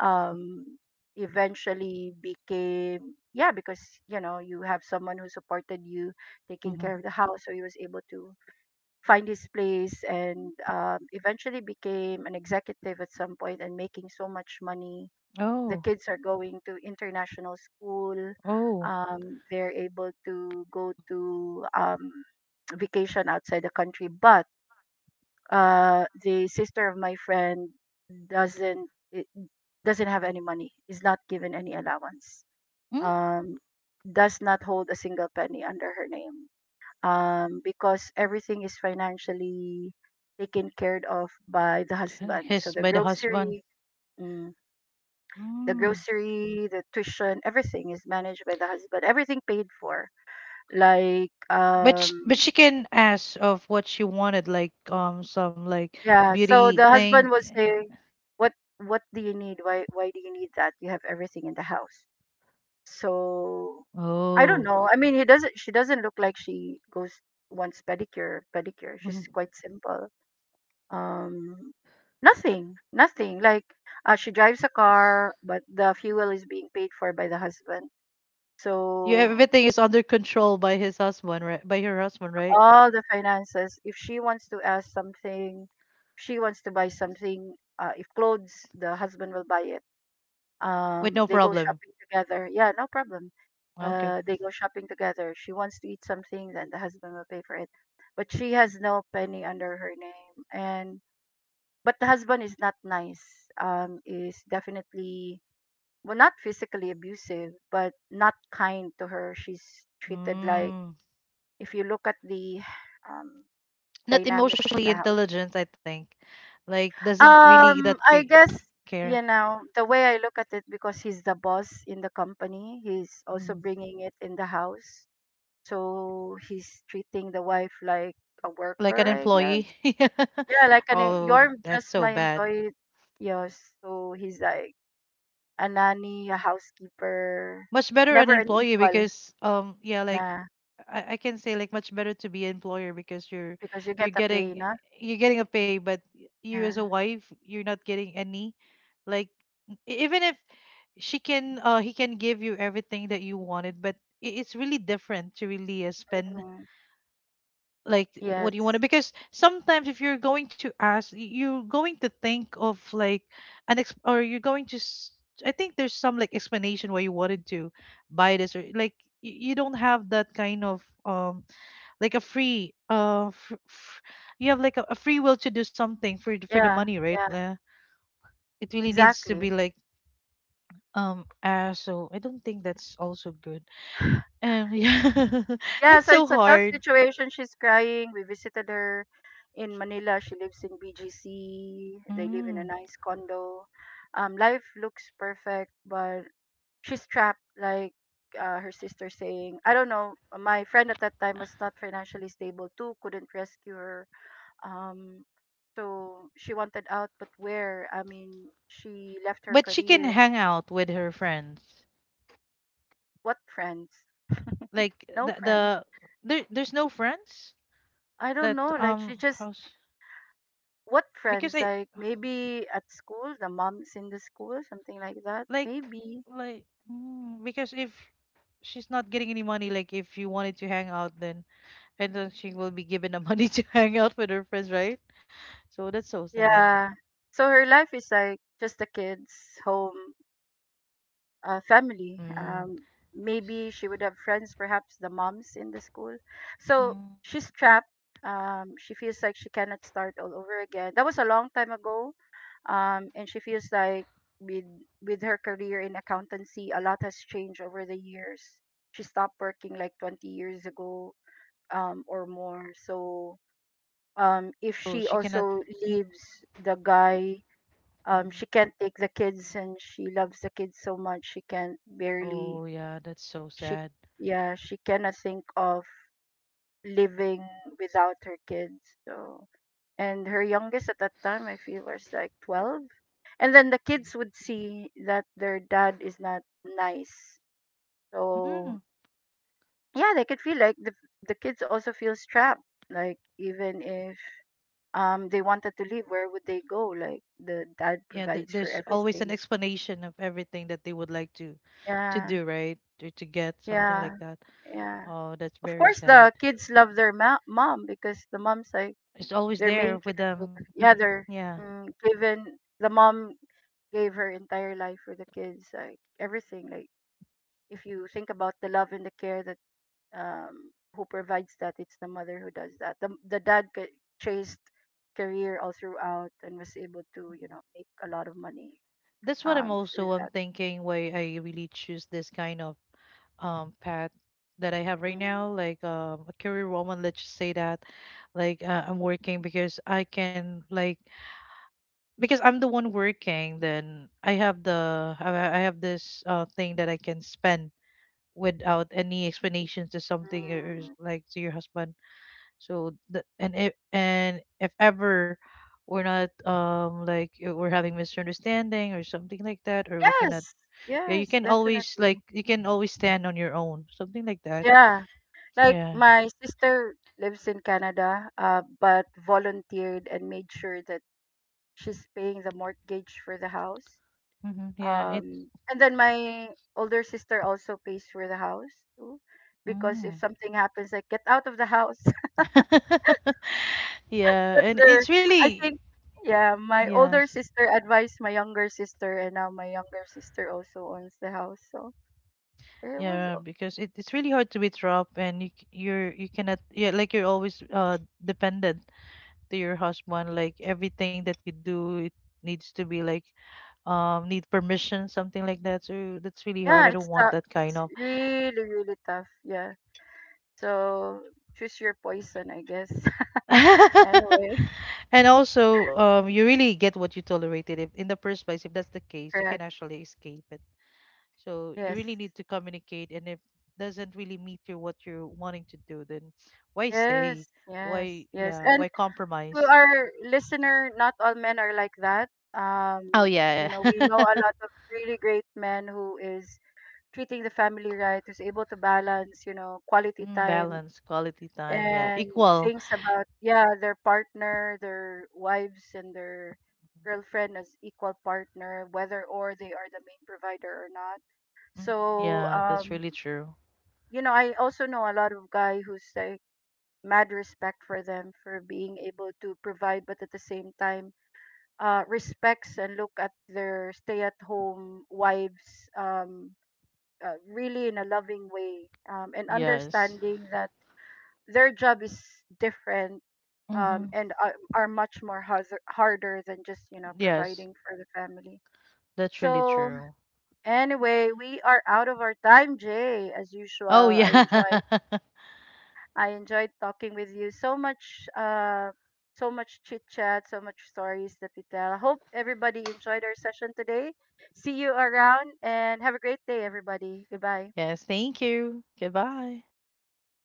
um eventually became, yeah, because you know you have someone who supported you taking care Mm-hmm. of the house, so he was able to find his place. And eventually became an executive at some point and making so much money. The Oh, kids are going to international school. oh. They're able to go to vacation outside the country. But the sister of my friend doesn't, it doesn't have any money, is not given any allowance. um does not hold a single penny under her name, because everything is financially taken care of by the Mm? husband. So His the by the husband. grocery, mm, the Mm. grocery, the tuition, everything is managed by the husband, everything paid for, like, But but um she can ask of what she wanted, like some like yeah. So beauty the thing. husband was saying, "What, do you need? Why, do you need that? You have everything in the house." So I don't Oh. know. I mean, he doesn't. She doesn't look like she goes, wants pedicure. Pedicure. She's Mhm. quite simple. Um, nothing. Nothing. Like, she drives a car, but the fuel is being paid for by the husband. Yeah, So everything is under control by his husband, right? By her husband, right? all the finances. If she wants to ask something, she wants to buy something. If clothes, the husband will buy it. With no They go problem. shopping together. Yeah, no problem. Ah, okay. They go shopping together. She wants to eat something, then the husband will pay for it. But she has no penny under her name. And but the husband is not nice. Is definitely, well, not physically abusive, but not kind to her. She's treated like, Mm. if you look at the, um, Not dynamics in emotionally the house. intelligent, I think. Like doesn't really that I guess, care. you know, the way I look at it, because he's the boss in the company. He's also Mm. bringing it in the house, so he's treating the wife like a Like an worker, I guess. employee. Yeah, like an Oh, you're that's just so my bad. employee. Yes, so he's like a nanny, a housekeeper, Much better an never an employee equal. because yeah, like Yeah, I can say like much better to be an employer because because you you're get a pay, getting na? you're getting a pay, but you as a Yeah. wife, you're not getting any. Like even if she can he can give you everything that you wanted, but it's really different to really spend Mm, like what you yes. wanted, because sometimes if you're going to ask you're going to think of like an ex- or you're going to s- I think there's some like explanation why you wanted to buy this, or like you don't have that kind of like a free fr- fr- you have like a free will to do something for for the Yeah. money, right? Yeah. It really needs to Exactly. be like so I don't think that's also good. Yeah. Yeah, That's so so it's a tough hard. situation. She's crying. We visited her in Manila. She lives in BGC. They live in Mm. a nice condo. Life looks perfect, but she's trapped. Like, her sister saying, I don't know. My friend at that time was not financially stable too. Couldn't rescue her. Um, so she wanted out, but where? I mean, she left her But she can career. hang out with her friends. What friends? Like No the friends. the there's no friends I don't that know. Like she just, house, what because I friends? Like maybe at school, the mom is in the school, something like that. like Maybe. like mm, because if she's not getting any money, like if you wanted to hang out then, and then she will be given the money to hang out with her friends, right? So that's so sad. Yeah. So her life is like just the kids, home, family. Mm. Maybe she would have friends, perhaps the moms in the school. So Mm. she's trapped. She feels like she cannot start all over again. That was a long time ago. And she feels like, with with her career in accountancy, a lot has changed over the years. She stopped working like 20 years ago, or more. So if Oh, she she also cannot. leaves the guy, Mhm. she can't take the kids, and she loves the kids so much. She can't barely, Oh yeah, that's so she sad. yeah, she cannot think of living without her kids. So and her youngest at that time, I feel, was like 12. And then the kids would see that their dad is not nice. Mm. So yeah, they could feel like the kids also feels trapped. Like even if they wanted to leave, where would they go? Like the dad Yeah, provides for there's always an everything. explanation of everything that they would like to Yeah. do, right? Or to get something Yeah. like that. Yeah. Oh, that's Of very course, sad. the kids love their mom, because the mom's like It's always their main there with them, caretaker. Yeah, hmm, they're, yeah. mm, given, the mom gave her entire life for the kids. Like everything. Like if you think about the love and the care that, who provides that, it's the mother who does that. The dad chased career all throughout and was able to, you Hmm, know, make a lot of money that's what I'm through also I'm that. thinking, why I really choose this kind of path that I have right now, Hmm. like a career woman, let's just say that. Like I'm working because I can, like because I'm the one working, then i have the i I have this thing that I can spend without any explanations to something or like to your husband. So and if, and if ever we're not we're having misunderstanding or something like that, or we cannot, Yes, yeah, you yes, can always, like definitely. you can always stand on your own, something like that. Yeah, like Yeah, my sister lives in Canada, but volunteered and made sure that she's paying the mortgage for the house. hmm, yeah, it's And then my older sister also pays for the house too, because if mm. something happens, like get out of the house. Yeah, That's and their, it's I really think, yeah, my yes. older sister advised my younger sister, and now my younger sister also owns the house. So it was, Yeah, because it's really hard to be trapped and you you're, you cannot, yeah, like you're always dependent to your husband, like everything that you do, it needs to be like need permission, something like that. So that's really hard, yeah, I don't it's want tough. that It's kind of. really, really tough. Yeah. So choose your poison, I guess. Anyway, And also you really get what you tolerated, if in the first place, if that's the case, you can correct. actually escape it. So you Yes. really need to communicate, and if doesn't really meet you what you're wanting to do, then why stay, Yes, yes, why, yes. yeah, And why to compromise. our listener, not all men are like that. Oh Um, you yeah. know, we know Yeah. a lot of really great men who is treating the family right, who's able to balance, you know, quality Mm, time balance quality time, yeah, and equal. things about, yeah, their partner, their wives, and their girlfriend as equal partner, whether or they are the main provider or not. Mm. So Yeah, that's really true. you know, I also know a lot of guy who's like mad respect for them for being able to provide, but at the same time respects and look at their stay at home wives. Really in a loving way, and Yes. understanding that their job is different, Mm-hmm. and are much more harder than just, you know, Yes, providing for the family. that's really So true. anyway, we are out of our time, Jay. As usual, Oh, I yeah. enjoyed, I enjoyed talking with you so much. So much chit chat, so much stories that we tell. I hope everybody enjoyed our session today. See you around and have a great day, everybody. Goodbye. Yes, thank you. Goodbye.